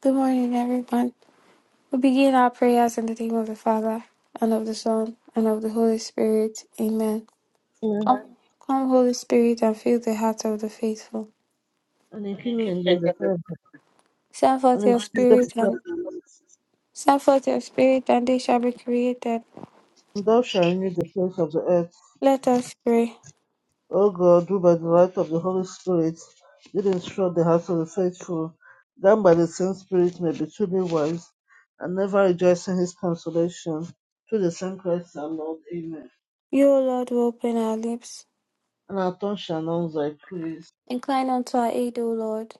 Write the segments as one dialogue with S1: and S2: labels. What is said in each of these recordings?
S1: Good morning, everyone. We begin our prayers in the name of the Father, and of the Son, and of the Holy Spirit. Amen.
S2: Yeah.
S1: Come, come, Holy Spirit, and fill the hearts of the faithful.
S2: And in kindling them the third,
S1: Send
S2: and
S1: forth
S2: in Finland and
S1: your
S2: increase them
S1: Spirit,
S2: the
S1: and
S2: third,
S1: send forth your Spirit, and they shall be created.
S2: and thou shalt renew the face of the earth.
S1: Let us pray.
S2: O God, who by the light of the Holy Spirit did instruct the hearts of the faithful, that by the same Spirit may be truly wise, and never rejoice in his consolation. Through the same Christ our Lord. Amen.
S1: You, O Lord, will open our lips.
S2: And our tongue shall announce thy praise.
S1: Incline unto our aid, O Lord.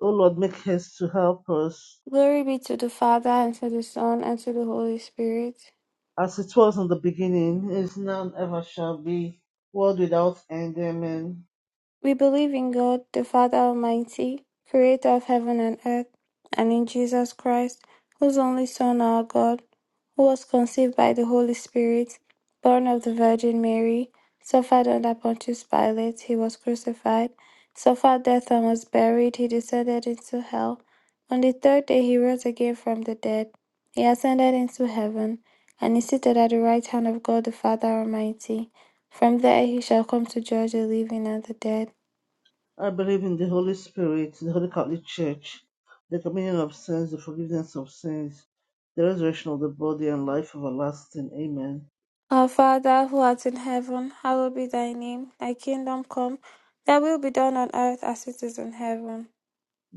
S2: O Lord, make haste to help us,
S1: Glory be to the Father, and to the Son, and to the Holy Spirit.
S2: as it was in the beginning, is now, and ever shall be, world without end. Amen.
S1: We believe in God the Father Almighty, creator of heaven and earth, and in Jesus Christ, whose only Son, our God, who was conceived by the Holy Spirit, born of the Virgin Mary, suffered under Pontius Pilate, he was crucified, suffered death and was buried, he descended into hell. On the third day he rose again from the dead, he ascended into heaven, and is seated at the right hand of God the Father Almighty. From there he shall come to judge the living and the dead.
S2: I believe in the Holy Spirit, the Holy Catholic Church, the communion of Saints, the forgiveness of sins, the resurrection of the body, and life everlasting. Amen.
S1: Our Father who art in heaven, hallowed be thy name. Thy kingdom come, thy will be done on earth as it is in heaven.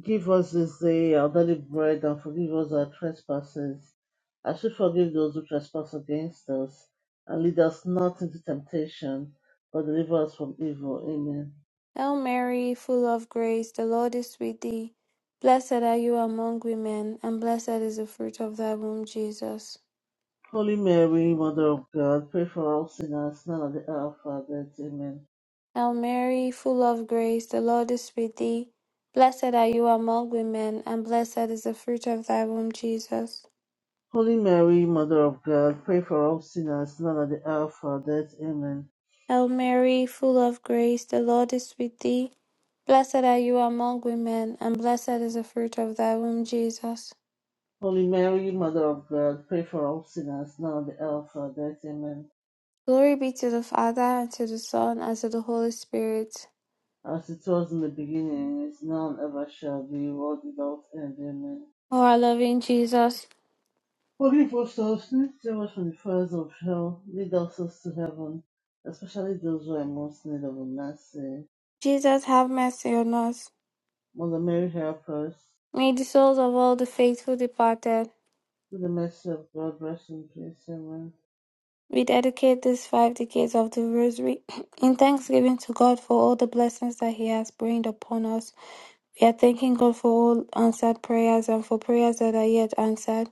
S2: Give us this day our daily bread, and forgive us our trespasses, as we forgive those who trespass against us. And lead us not into temptation, but deliver us from evil. Amen.
S1: Hail Mary, full of grace, the Lord is with thee. Blessed are you among women, and blessed is the fruit of thy womb, Jesus.
S2: Holy Mary, Mother of God, pray for all sinners, now and at the hour of our death. Amen.
S1: Hail Mary, full of grace, the Lord is with thee. Blessed are you among women, and blessed is the fruit of thy womb, Jesus.
S2: Holy Mary, Mother of God, pray for all sinners, now at the hour of our death. Amen.
S1: Hail Mary, full of grace, the Lord is with thee. Blessed are you among women, and blessed is the fruit of thy womb, Jesus.
S2: Holy Mary, Mother of God, pray for all sinners, now at the hour of our death. Amen.
S1: Glory be to the Father, and to the Son, and to the Holy Spirit.
S2: As it was in the beginning, is now and ever shall be, world without end. Amen.
S1: O our loving Jesus,
S2: Forgive us our sins, save us from the fires of hell, lead us souls to heaven, especially those who are in most need of a mercy.
S1: Jesus, have mercy on us.
S2: Mother Mary, help us.
S1: May the souls of all the faithful departed,
S2: Through the mercy of God, rest in peace. Amen.
S1: we dedicate these five decades of the Rosary in thanksgiving to God for all the blessings that He has rained upon us We are thanking God for all answered prayers and for prayers that are yet answered.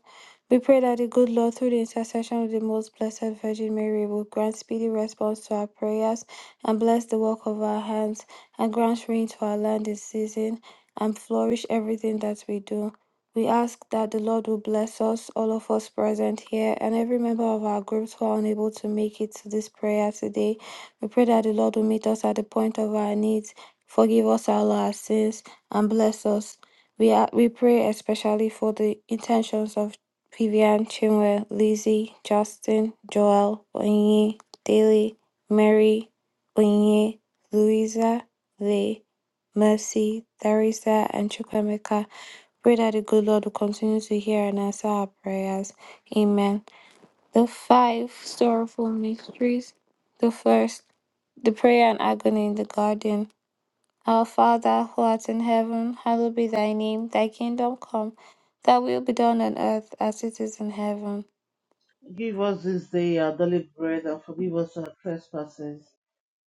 S1: We pray that the good Lord, through the intercession of the most blessed Virgin Mary, will grant speedy response to our prayers and bless the work of our hands and grant rain to our land this season and flourish everything that we do. We ask that the Lord will bless us, all of us present here, and every member of our groups who are unable to make it to this prayer today. We pray that the Lord will meet us at the point of our needs, forgive us all our sins and bless us. We are, we pray especially for the intentions of Vivian, Chinwe, Lizzie, Justin, Joel, Onye, Daily, Mary, Onye, Louisa, Lee, Mercy, Theresa, and Chukwemeka. Pray that the good Lord will continue to hear and answer our prayers. Amen. The five sorrowful mysteries. The first, the prayer and agony in the garden. Our Father, who art in heaven, hallowed be thy name. Thy kingdom come, thy will be done on earth as it is in heaven.
S2: Give us this day our daily bread and forgive us our trespasses,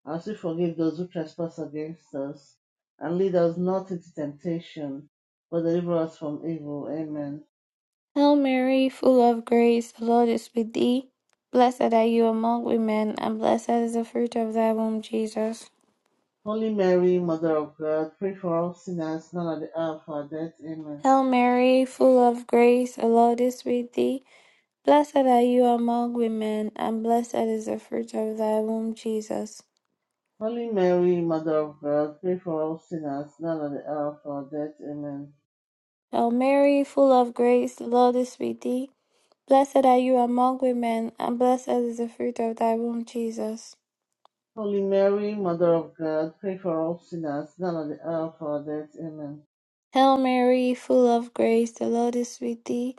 S2: as we forgive those who trespass against us. And lead us not into temptation, but deliver us from evil. Amen.
S1: Hail Mary, full of grace, the Lord is with thee. Blessed are you among women, and blessed is the fruit of thy womb, Jesus.
S2: Holy Mary, Mother of God, pray for all sinners, now at the hour of our death. Amen.
S1: Hail Mary, full of grace, the Lord is with thee. Blessed are you among women, and blessed is the fruit of thy womb, Jesus.
S2: Holy Mary, Mother of God, pray for all sinners, now at the hour of our death. Amen.
S1: Hail Mary, full of grace, the Lord is with thee. Blessed are you among women, and blessed is the fruit of thy womb, Jesus.
S2: Holy Mary, Mother of God, pray for all sinners, now at the hour of our death. Amen.
S1: Hail Mary, full of grace, the Lord is with thee.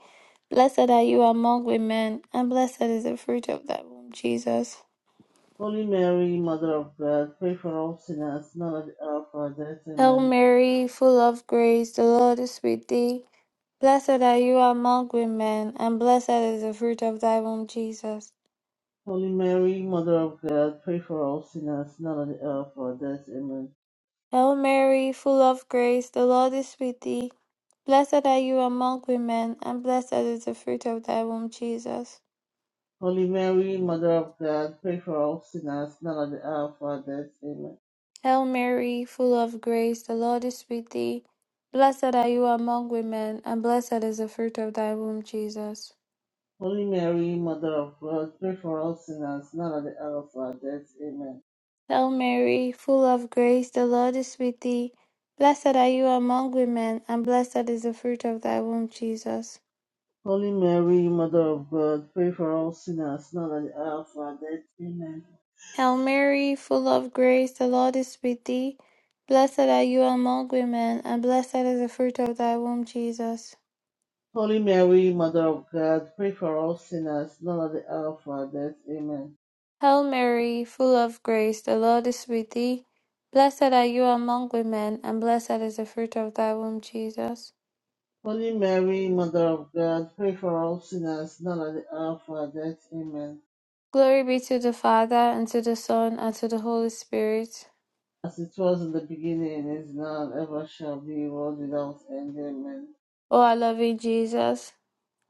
S1: Blessed are you among women, and blessed is the fruit of thy womb, Jesus.
S2: Holy Mary, Mother of God, pray for all sinners, now at the hour of our death.
S1: Hail
S2: Amen.
S1: Mary, full of grace, the Lord is with thee. Blessed are you among women, and blessed is the fruit of thy womb, Jesus.
S2: Holy Mary, Mother of God, pray for all sinners, now at the hour of our death. Amen.
S1: Hail Mary, full of grace, the Lord is with thee. Blessed are you among women, and blessed is the fruit of thy womb, Jesus.
S2: Holy Mary, Mother of God, pray for all sinners, now at the hour of our death. Amen.
S1: Hail Mary, full of grace, the Lord is with thee. Blessed are you among women, and blessed is the fruit of thy womb, Jesus.
S2: Holy Mary, Mother of God, pray for all sinners, now at the hour of our death. Amen.
S1: Hail Mary, full of grace, the Lord is with thee. Blessed are you among women, and blessed is the fruit of thy womb, Jesus.
S2: Holy Mary, Mother of God, pray for all sinners, now at the hour of our death. Amen.
S1: Hail Mary, full of grace, the Lord is with thee. Blessed are you among women, and blessed is the fruit of thy womb, Jesus.
S2: Holy Mary, Mother of God, pray for us sinners, now at the hour of our death. Amen.
S1: Hail Mary, full of grace, the Lord is with thee. Blessed are you among women, and blessed is the fruit of thy womb, Jesus.
S2: Holy Mary, Mother of God, pray for us sinners, now at the hour of our death. Amen.
S1: Glory be to the Father, and to the Son, and to the Holy Spirit.
S2: As it was in the beginning, is now, and ever shall be, world without end. Amen.
S1: O our loving Jesus,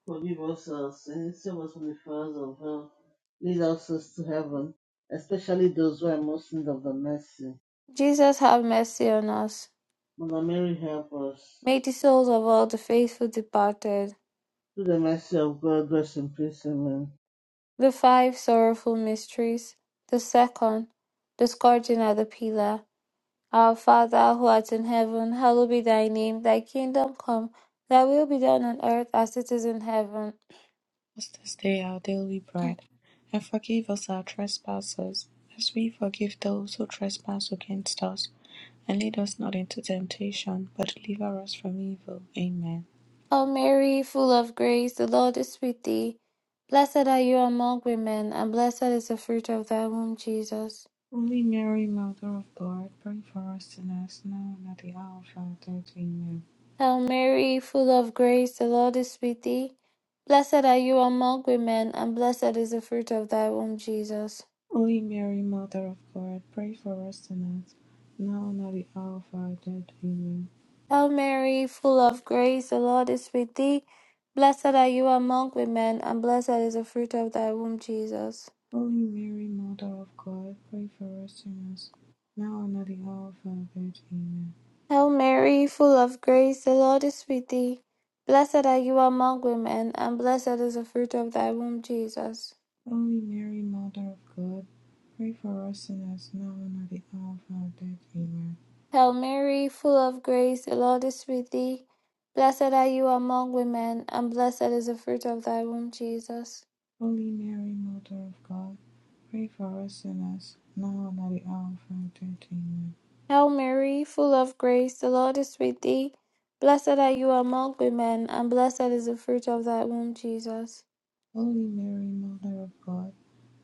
S2: Forgive us our sins, save us from the fires of hell. Lead us to heaven, especially those who are most in need of the mercy.
S1: Jesus, have mercy on us.
S2: Mother Mary, help us.
S1: May the souls of all the faithful departed,
S2: Through the mercy of God, rest in peace. Amen.
S1: the five sorrowful mysteries, the second, the scourging at the pillar, Our Father who art in heaven, hallowed be thy name. Thy kingdom come, thy will be done on earth as it is in heaven.
S3: us this day our daily bread, and forgive us our trespasses, as we forgive those who trespass against us. And lead us not into temptation, but deliver us from evil. Amen.
S1: Hail Mary, full of grace, the Lord is with thee. Blessed are you among women, and blessed is the fruit of thy womb, Jesus.
S3: Holy Mary, Mother of God, pray for us sinners now and at the hour of our death. Amen.
S1: Hail Mary, full of grace, the Lord is with thee. Blessed are you among women, and blessed is the fruit of thy womb, Jesus.
S3: Holy Mary, Mother of God, pray for us sinners now and at the hour of our death. Amen.
S1: Hail Mary, full of grace, the Lord is with thee. Blessed are you among women, and blessed is the fruit of thy womb, Jesus.
S3: Holy Mary, Mother of God, pray for us sinners now and at the hour of our death. Amen.
S1: Hail Mary, full of grace, the Lord is with thee. Blessed are you among women, and blessed is the fruit of thy womb, Jesus.
S3: Holy Mary, Mother of God, pray for us sinners now and at the hour of our death. Amen.
S1: Hail Mary, full of grace, the Lord is with thee. Blessed are you among women, and blessed is the fruit of thy womb, Jesus.
S3: Holy Mary, Mother of God, pray for us sinners now and at the hour of our death. Amen.
S1: Hail Mary, full of grace, the Lord is with thee. Blessed are you among women, and blessed is the fruit of thy womb, Jesus.
S3: Holy Mary, Mother of God,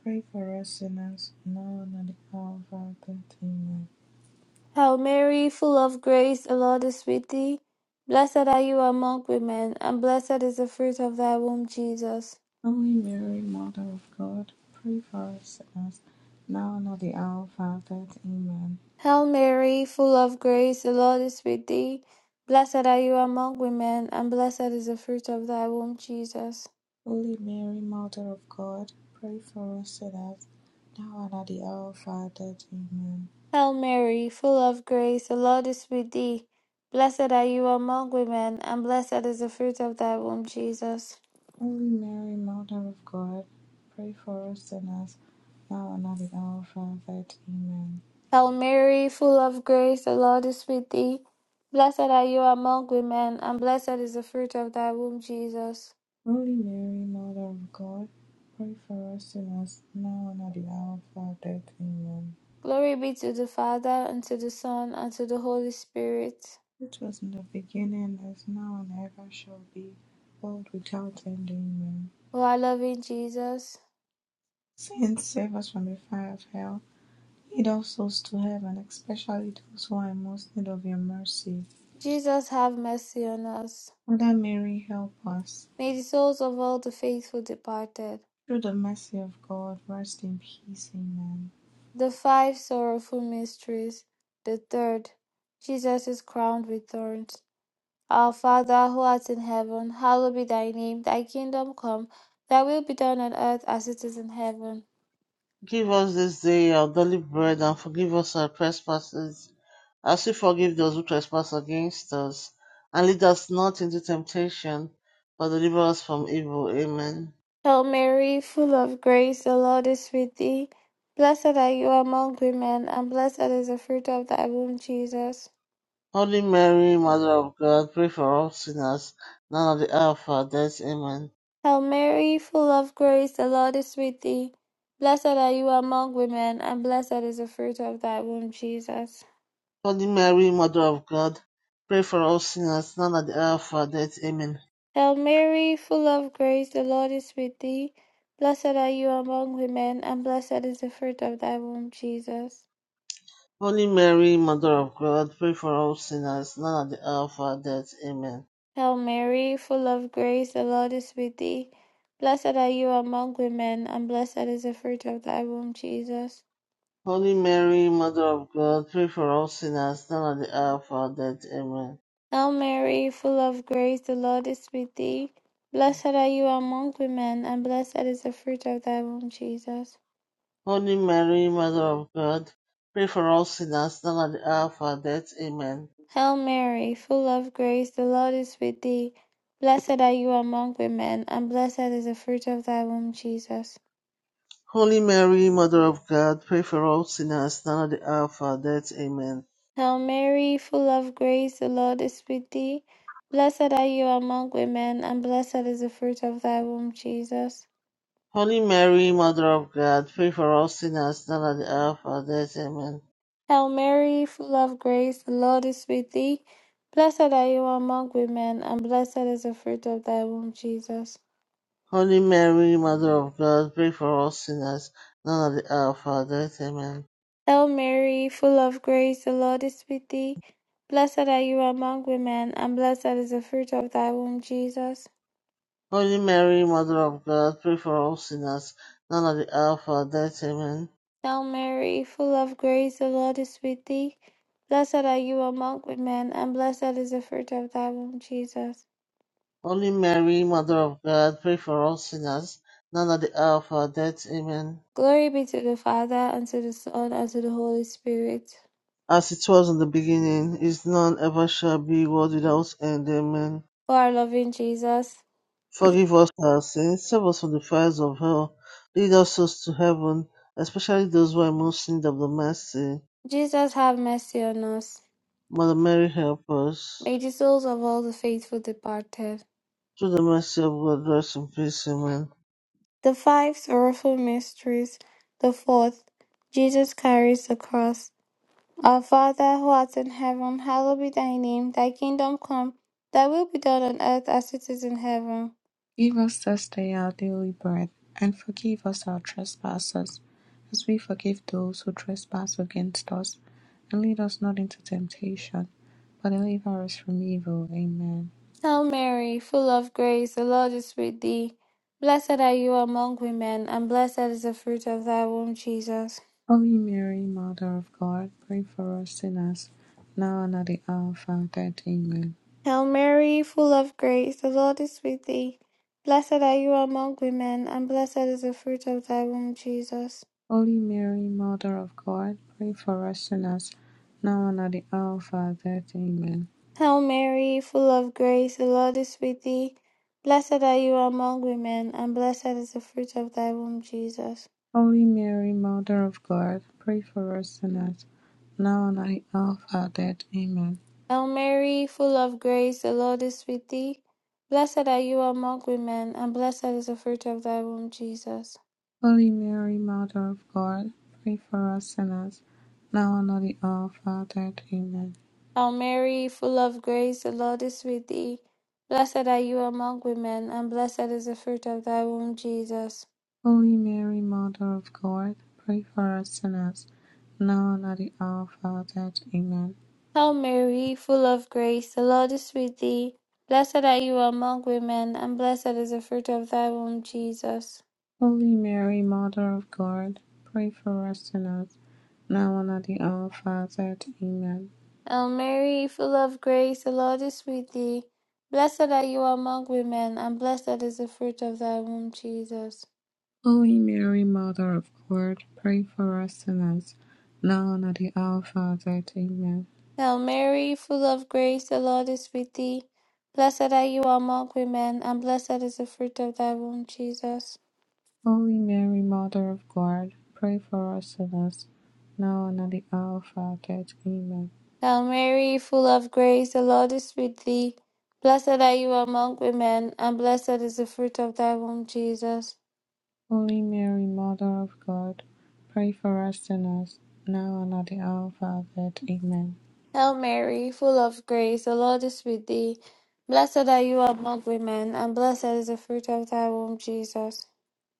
S3: pray for us sinners now and at the hour of our death. Amen.
S1: Hail Mary, full of grace, the Lord is with thee. Blessed are you among women, and blessed is the fruit of thy womb, Jesus.
S3: Holy Mary, Mother of God, pray for us sinners now and at the hour of our death. Amen.
S1: Hail Mary, full of grace, the Lord is with thee. Blessed are you among women, and blessed is the fruit of thy womb, Jesus.
S3: Holy Mary, Mother of God, pray for us sinners Now and at the hour of our death. Amen.
S1: Hail Mary, full of grace, the Lord is with thee. Blessed are you among women, and blessed is the fruit of thy womb, Jesus.
S3: Holy Mary, Mother of God, pray for us sinners, now and at the hour of our death. Amen.
S1: Hail Mary, full of grace, the Lord is with thee. Blessed are you among women, and blessed is the fruit of thy womb, Jesus.
S3: Holy Mary, Mother of God, pray for us sinners, now and at the hour of our death. Amen.
S1: Glory be to the Father, and to the Son, and to the Holy Spirit.
S3: It was in the beginning, as now and ever shall be, world without end. Amen.
S1: O our loving Jesus,
S3: Saints, save us from the fire of hell. Lead all souls to heaven, especially those who are in most need of your mercy.
S1: Jesus, have mercy on us.
S3: Mother Mary, help us.
S1: May the souls of all the faithful departed
S3: Through the mercy of God, rest in peace. Amen.
S1: The five sorrowful mysteries. The third, Jesus is crowned with thorns. Our Father who art in heaven, hallowed be thy name. Thy kingdom come, thy will be done on earth as it is in heaven.
S2: Give us this day our daily bread and forgive us our trespasses, as we forgive those who trespass against us. And lead us not into temptation, but deliver us from evil. Amen.
S1: Hail Mary, full of grace, the Lord is with thee. Blessed are you among women, and blessed is the fruit of thy womb, Jesus.
S2: Holy Mary, Mother of God, pray for all sinners, now and at the hour of our death. Amen.
S1: Hail Mary, full of grace, the Lord is with thee. Blessed are you among women, and blessed is the fruit of thy womb, Jesus.
S2: Holy Mary, Mother of God, pray for all sinners, now and at the hour of our death. Amen.
S1: Hail Mary, full of grace, the Lord is with thee. Blessed are you among women, and blessed is the fruit of thy womb, Jesus.
S2: Holy Mary, Mother of God, pray for all sinners, now and at the hour of our death. Amen.
S1: Hail Mary, full of grace, the Lord is with thee. Blessed are you among women, and blessed is the fruit of thy womb, Jesus.
S2: Holy Mary, Mother of God, pray for all sinners, now and at the hour of our death. Amen.
S1: Hail Mary, full of grace, the Lord is with thee. Blessed are you among women, and blessed is the fruit of thy womb, Jesus.
S2: Holy Mary, Mother of God, pray for all sinners, now and at the hour of our death. Amen.
S1: Hail Mary, full of grace, the Lord is with thee. Blessed are you among women, and blessed is the fruit of thy womb, Jesus.
S2: Holy Mary, Mother of God, pray for all sinners, now and at the hour of our death. Amen.
S1: Hail Mary, full of grace, the Lord is with thee. Blessed are you among women, and blessed is the fruit of thy womb, Jesus.
S2: Holy Mary, Mother of God, pray for all sinners, now and at the hour of our death. Amen.
S1: Hail Mary, full of grace, the Lord is with thee. Blessed are you among women, and blessed is the fruit of thy womb, Jesus.
S2: Holy Mary, Mother of God, pray for all sinners, now and at the hour of our death. Amen.
S1: Hail Mary, full of grace, the Lord is with thee. Blessed are you among women, and blessed is the fruit of thy womb, Jesus.
S2: Holy Mary, Mother of God, pray for all sinners, now and at the hour of our death. Amen.
S1: Hail Mary, full of grace, the Lord is with thee. Blessed are you among women, and blessed is the fruit of thy womb, Jesus.
S2: Holy Mary, Mother of God, pray for all sinners, now and at the hour of our death. Amen.
S1: Glory be to the Father, and to the Son, and to the Holy Spirit.
S2: As it was in the beginning, is none ever shall be, world without end. Amen.
S1: O our loving Jesus,
S2: Forgive us our sins, save us from the fires of hell, lead us souls to heaven, especially those who are most in need of the mercy.
S1: Jesus, have mercy on us.
S2: Mother Mary, help us.
S1: May the souls of all the faithful departed,
S2: Through the mercy of God, rest in peace. Amen.
S1: The five sorrowful mysteries, the fourth, Jesus carries the cross. Our Father who art in heaven, hallowed be thy name. Thy kingdom come, thy will be done on earth as it is in heaven.
S3: Give us this day our daily bread, and forgive us our trespasses, as we forgive those who trespass against us. And lead us not into temptation, but deliver us from evil. Amen.
S1: Hail Mary, full of grace, the Lord is with thee. Blessed are you among women, and blessed is the fruit of thy womb, Jesus.
S3: Holy Mary, Mother of God, pray for us sinners, now and at the hour of our death. Amen.
S1: Hail Mary, full of grace, the Lord is with thee. Blessed are you among women, and blessed is the fruit of thy womb, Jesus.
S3: Holy Mary, Mother of God, pray for us sinners, now and at the hour of our death. Amen.
S1: Hail Mary, full of grace, the Lord is with thee. Blessed are you among women, and blessed is the fruit of thy womb, Jesus.
S3: Holy Mary, Mother of God, pray for us sinners, now and at the hour of our death. Amen.
S1: Hail Mary, full of grace, the Lord is with thee. Blessed are you among women, and blessed is the fruit of thy womb, Jesus.
S3: Holy Mary, Mother of God, pray for us sinners, now and at the hour of our death. Amen.
S1: Hail Mary, full of grace, the Lord is with thee. Blessed are you among women, and blessed is the fruit of thy womb, Jesus.
S3: Holy Mary, Mother of God, pray for us sinners, now and at the hour of our death. Amen.
S1: Hail Mary, full of grace, the Lord is with thee. Blessed are you among women, and blessed is the fruit of thy womb, Jesus.
S3: Holy Mary, Mother of God, pray for us sinners, now and at the hour of our death. Amen.
S1: Hail Mary, full of grace, the Lord is with thee. Blessed are you among women, and blessed is the fruit of thy womb, Jesus.
S3: Holy Mary, Mother of God, pray for us sinners, now and at the hour of our death. Amen.
S1: Hail Mary, full of grace, the Lord is with thee. Blessed are you among women, and blessed is the fruit of thy womb, Jesus.
S3: Holy Mary, Mother of God, pray for us sinners, now and at the hour of our death. Amen.
S1: Hail Mary, full of grace, the Lord is with thee. Blessed are you among women, and blessed is the fruit of thy womb, Jesus.
S3: Holy Mary, Mother of God, pray for us sinners, now and at the hour of our death. Amen.
S1: Hail Mary, full of grace, the Lord is with thee. Blessed are you among women, and blessed is the fruit of thy womb, Jesus.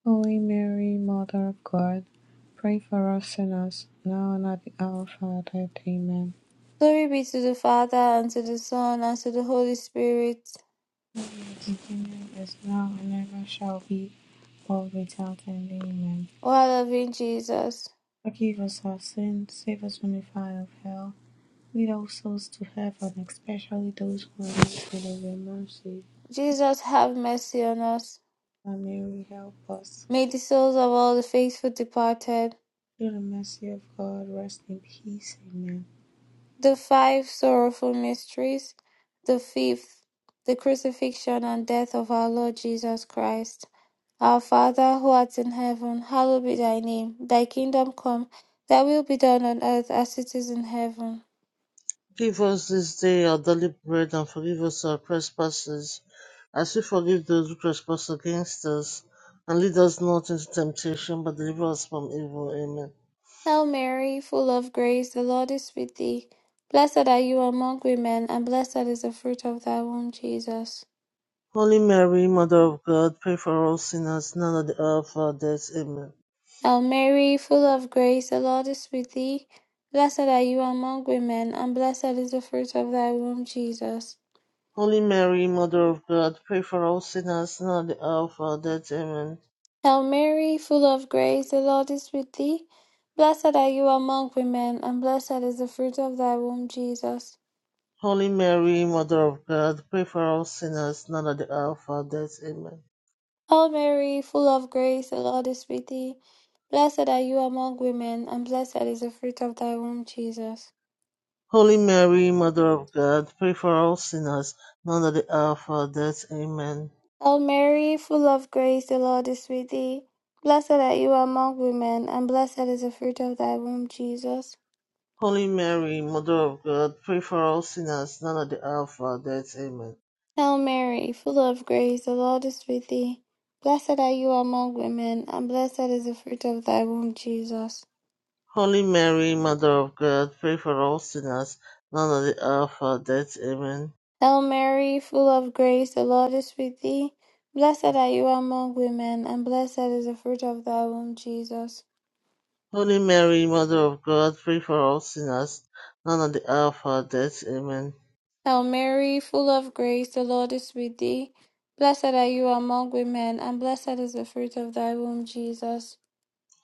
S3: Holy Mary, Mother of God, pray for us sinners, now and at the hour of our death. Amen.
S1: Glory be to the Father, and to the Son, and to the Holy Spirit.
S3: The kingdom is now and ever shall be, world without end. Amen.
S1: O our loving Jesus.
S3: Forgive us our sins, save us from the fire of hell. Lead all souls to heaven, especially those who are in need of your mercy.
S1: Jesus, have mercy on us.
S3: That Mary help us.
S1: May the souls of all the faithful departed
S3: Through the mercy of God, rest in peace. Amen.
S1: The five sorrowful mysteries. The fifth, the crucifixion and death of our Lord Jesus Christ. Our Father, who art in heaven, hallowed be thy name. Thy kingdom come, thy will be done on earth as it is in heaven.
S2: Give us this day our daily bread and forgive us our trespasses, as we forgive those who trespass against us. And lead us not into temptation, but deliver us from evil. Amen.
S1: Hail Mary, full of grace, the Lord is with thee. Blessed are you among women, and blessed is the fruit of thy womb, Jesus.
S2: Holy Mary, Mother of God, pray for all sinners, now at the hour of our death. Amen.
S1: Hail Mary, full of grace, the Lord is with thee. Blessed are you among women, and blessed is the fruit of thy womb, Jesus.
S2: Holy Mary, Mother of God, pray for all sinners, now at the hour of our death. Amen.
S1: Hail Mary, full of grace, the Lord is with thee. Blessed are you among women, and blessed is the fruit of thy womb, Jesus.
S2: Holy Mary, Mother of God, pray for all sinners, now at the hour of our death. Amen.
S1: Hail Mary, full of grace, the Lord is with thee. Blessed are you among women, and blessed is the fruit of thy womb, Jesus.
S2: Holy Mary, Mother of God, pray for all sinners, now at the hour of our death. Amen.
S1: Hail Mary, full of grace, the Lord is with thee. Blessed are you among women, and blessed is the fruit of thy womb, Jesus.
S2: Holy Mary, Mother of God, pray for all sinners, now at the hour of our death. Amen.
S1: Hail Mary, full of grace, the Lord is with thee. Blessed are you among women, and blessed is the fruit of thy womb, Jesus.
S2: Holy Mary, Mother of God, pray for all sinners, now at the hour of our death. Amen.
S1: Hail Mary, full of grace, the Lord is with thee. Blessed are you among women, and blessed is the fruit of thy womb, Jesus.
S2: Holy Mary, Mother of God, pray for all sinners, now at the hour of our death. Amen.
S1: Hail Mary, full of grace, the Lord is with thee. Blessed are you among women, and blessed is the fruit of thy womb, Jesus.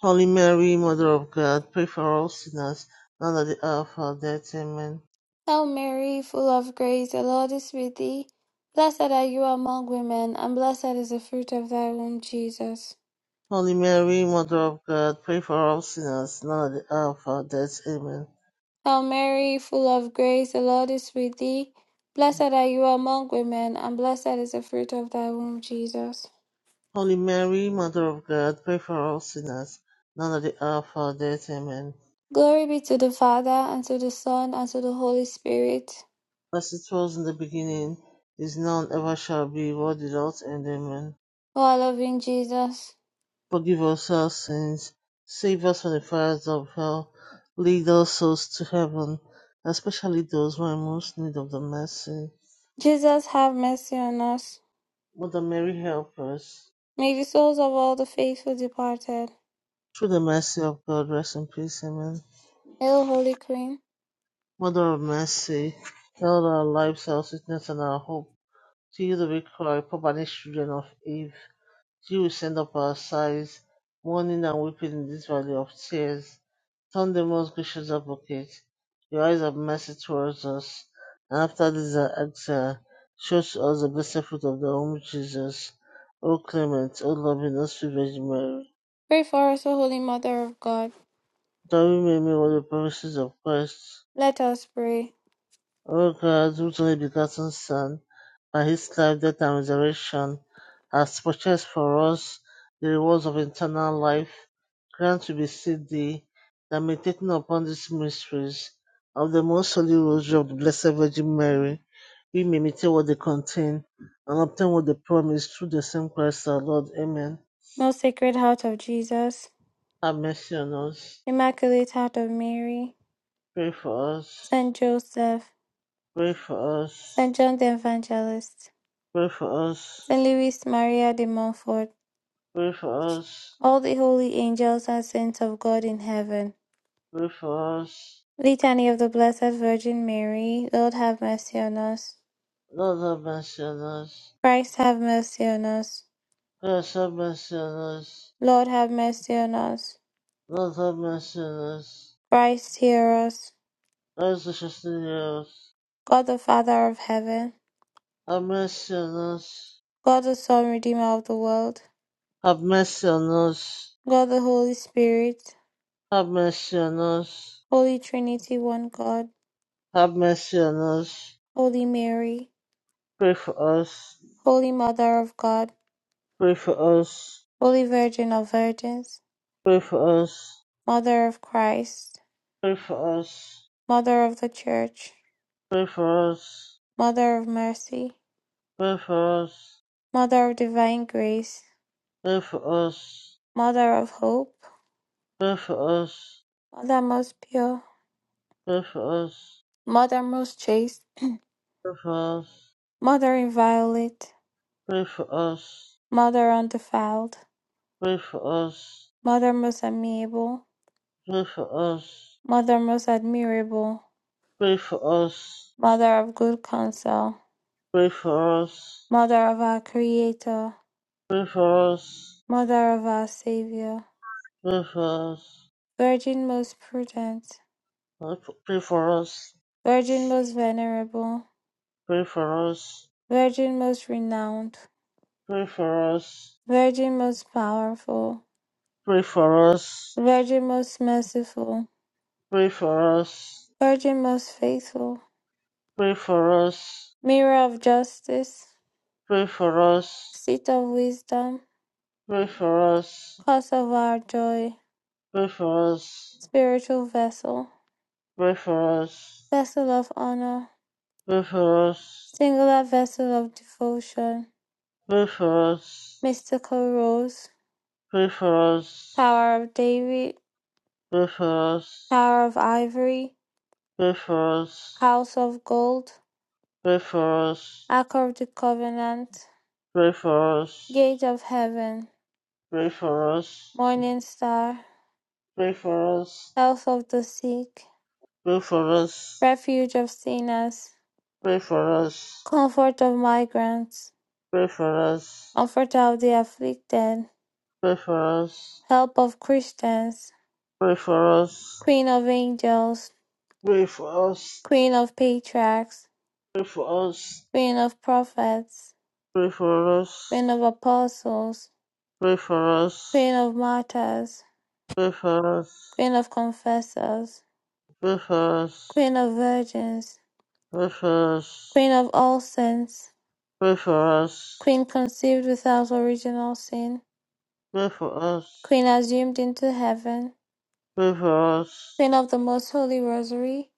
S2: Holy Mary, Mother of God, pray for all sinners, now at the hour of our death. Amen.
S1: Hail Mary, full of grace, the Lord is with thee. Blessed are you among women, and blessed is the fruit of thy womb, Jesus.
S2: Holy Mary, Mother of God, pray for all sinners, now and at the hour of our death. Amen.
S1: Hail Mary, full of grace, the Lord is with thee. Blessed are you among women, and blessed is the fruit of thy womb, Jesus.
S2: Holy Mary, Mother of God, pray for all sinners, now and at the hour of our death. Amen.
S1: Glory be to the Father, and to the Son, and to the Holy Spirit.
S2: As it was in the beginning, is now, and ever shall be, world without end. Amen.
S1: O our loving Jesus.
S2: Forgive us our sins, save us from the fires of hell, lead all souls to heaven, especially those who are in most need of the mercy.
S1: Jesus, have mercy on us.
S2: Mother Mary, help us.
S1: May the souls of all the faithful departed.
S2: Through the mercy of God, rest in peace. Amen.
S1: Hail, Holy Queen.
S2: Mother of mercy, held our lives, our sickness, and our hope. To you do we cry, poor banished children of Eve. To you we send up our sighs, mourning and weeping in this valley of tears. Turn the most gracious advocate, your eyes of mercy towards us, and after this our exile, show to us the blessed fruit of the womb, Jesus. O clement, O loving, O sweet Virgin Mary,
S1: Pray for us, O Holy Mother of God.
S2: that we may make all the promises of Christ
S1: Let us pray.
S2: O God, whose only begotten Son, by his life, death, and resurrection, has purchased for us the rewards of eternal life, grant we beseech thee that meditating upon these mysteries of the most holy rosary of the Blessed Virgin Mary, we may imitate what they contain and obtain what they promise through the same Christ our Lord. Amen.
S1: Most Sacred Heart of Jesus,
S2: Have mercy on us.
S1: Immaculate Heart of Mary,
S2: Pray for us.
S1: Saint Joseph,
S2: Pray for us.
S1: Saint John the Evangelist,
S2: Pray for us.
S1: Saint Louis Maria de Montfort,
S2: Pray for us.
S1: all the holy angels and saints of God in heaven.
S2: Pray for us.
S1: Litany of the Blessed Virgin Mary, Lord have mercy on us.
S2: Not of mentioners.
S1: Christ have mercy on us.
S2: We are some mentioners.
S1: Lord have mercy on us.
S2: None of mentioners.
S1: Christ hear us.
S2: Those are just the heroes.
S1: God the Father of heaven,
S2: Have mentioners.
S1: God the Son, Redeemer of the world,
S2: Have mentioners.
S1: God the Holy Spirit,
S2: Have
S1: Holy Trinity, one God, Holy Mary,
S2: Pray for us.
S1: Holy Mother of God,
S2: Pray for us.
S1: Holy Virgin of Virgins,
S2: Pray for us.
S1: Mother of Christ,
S2: Pray for us.
S1: Mother of the Church,
S2: Pray for us.
S1: Mother of Mercy,
S2: Pray for us.
S1: Mother of Divine Grace,
S2: Pray for us.
S1: Mother of Hope,
S2: Pray for us.
S1: Mother most pure,
S2: Pray for us.
S1: Mother most chaste,
S2: Pray for us.
S1: Mother inviolate,
S2: Pray for us.
S1: Mother undefiled,
S2: Pray for us.
S1: Mother most amiable,
S2: Pray for us.
S1: Mother most admirable,
S2: Pray for us.
S1: Mother of good counsel,
S2: Pray for us.
S1: Mother of our Creator,
S2: Pray for us.
S1: Mother of our Savior,
S2: Pray for us.
S1: Virgin most prudent,
S2: Pray for us.
S1: Virgin most venerable,
S2: Pray for us.
S1: Virgin most renowned,
S2: Pray for us.
S1: Virgin most powerful,
S2: Pray for us.
S1: Virgin most merciful,
S2: Pray for us.
S1: Virgin most faithful,
S2: Pray for us.
S1: Mirror of justice,
S2: Pray for us.
S1: Seat of wisdom,
S2: Pray for us.
S1: Cause of our joy,
S2: Pray for us.
S1: Spiritual vessel,
S2: Pray for us.
S1: Vessel of honor,
S2: Pray for us.
S1: Singular vessel of devotion,
S2: Pray for us.
S1: Mystical rose,
S2: Pray for us.
S1: Tower of David,
S2: Pray for us.
S1: Tower of ivory,
S2: Pray for us.
S1: House of gold,
S2: Pray for us.
S1: Ark of the Covenant,
S2: Pray for us.
S1: Gate of Heaven,
S2: Pray for us.
S1: Morning Star,
S2: Pray for us.
S1: Health of the Sick,
S2: Pray for us.
S1: Refuge of Sinners,
S2: Pray for us.
S1: Comfort of Migrants,
S2: Pray for us.
S1: Comforter of the Afflicted,
S2: Pray for us.
S1: Help of Christians,
S2: Pray for us.
S1: Queen of Angels,
S2: Pray for us.
S1: Queen of Patriarchs,
S2: Pray for us.
S1: Queen of Prophets,
S2: Pray for us.
S1: Queen of Apostles,
S2: Pray
S1: Queen of Martyrs,
S2: for us.
S1: Queen of Confessors,
S2: Pray for us.
S1: Queen of Virgins,
S2: Pray for us.
S1: Queen of All Saints,
S2: Pray for us. Pray for us.
S1: Queen conceived without original sin,
S2: Pray for us.
S1: Queen Assumed into Heaven,
S2: Pray for us.
S1: Queen of the Most Holy Rosary,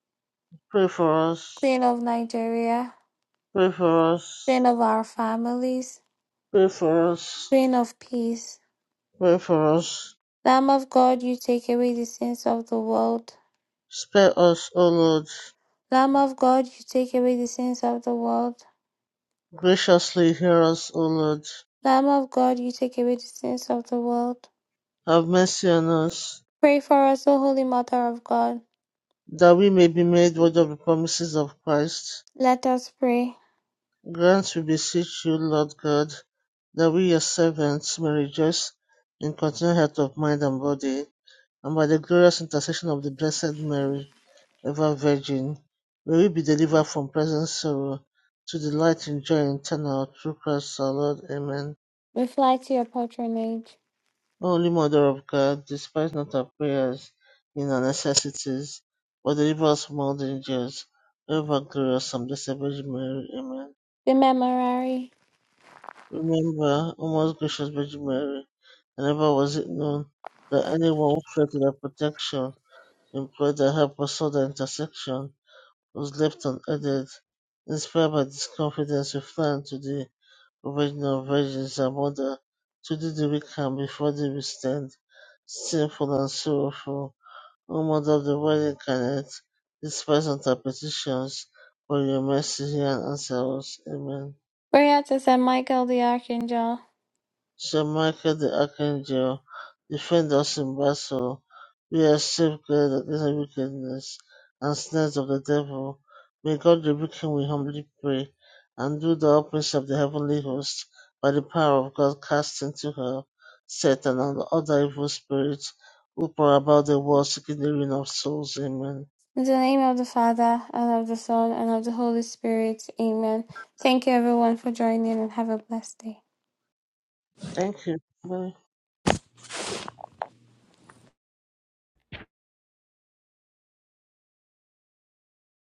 S2: Pray for us.
S1: Queen of Nigeria,
S2: Pray for us.
S1: Queen of our families,
S2: Pray for us.
S1: Queen of Peace,
S2: Pray for us.
S1: Lamb of God, you take away the sins of the world.
S2: Spare us, O Lord.
S1: Lamb of God, you take away the sins of the world.
S2: Graciously hear us, O Lord.
S1: Lamb of God, you take away the sins of the world.
S2: Have mercy on us,
S1: Pray for us, O Holy Mother of God.
S2: that we may be made worthy of the promises of Christ.
S1: Let us pray.
S2: Grant, we beseech you, Lord God, that we, your servants, may rejoice in continual health of mind and body, and by the glorious intercession of the Blessed Mary, ever Virgin, may we be delivered from present sorrow to delight in joy eternal through Christ our Lord. Amen.
S1: We fly to your patronage.
S2: Holy Mother of God, despise not our prayers in our necessities, but deliver us from all dangers. O ever glorious and blessed Virgin Mary, Amen.
S1: The Memorare.
S2: Remember, O most gracious Virgin Mary, that never was it known that anyone who fled to thy protection, implored thy help, or sought thy intercession, was left unaided. Inspired by this confidence, we fly unto thee, O Virgin of Virgins, our Mother. To thee do we come, before thee we stand, sinful and sorrowful. Almost of the wedding connect, despised on their petitions, for your mercy hear and answer us. Amen.
S1: Prayer to Saint Michael the Archangel.
S2: Shall Michael the Archangel defend us in battle? We are safeguarded against every wickedness and snares of the devil. May God rebuke him, we humbly pray, and do the openings of the heavenly host by the power of God cast into hell Satan and other evil spirits who pour about the world seeking the ruin of souls. Amen.
S1: In the name of the Father, and of the Son, and of the Holy Spirit. Amen. Thank you everyone for joining and have a blessed day.
S2: Thank you. Bye.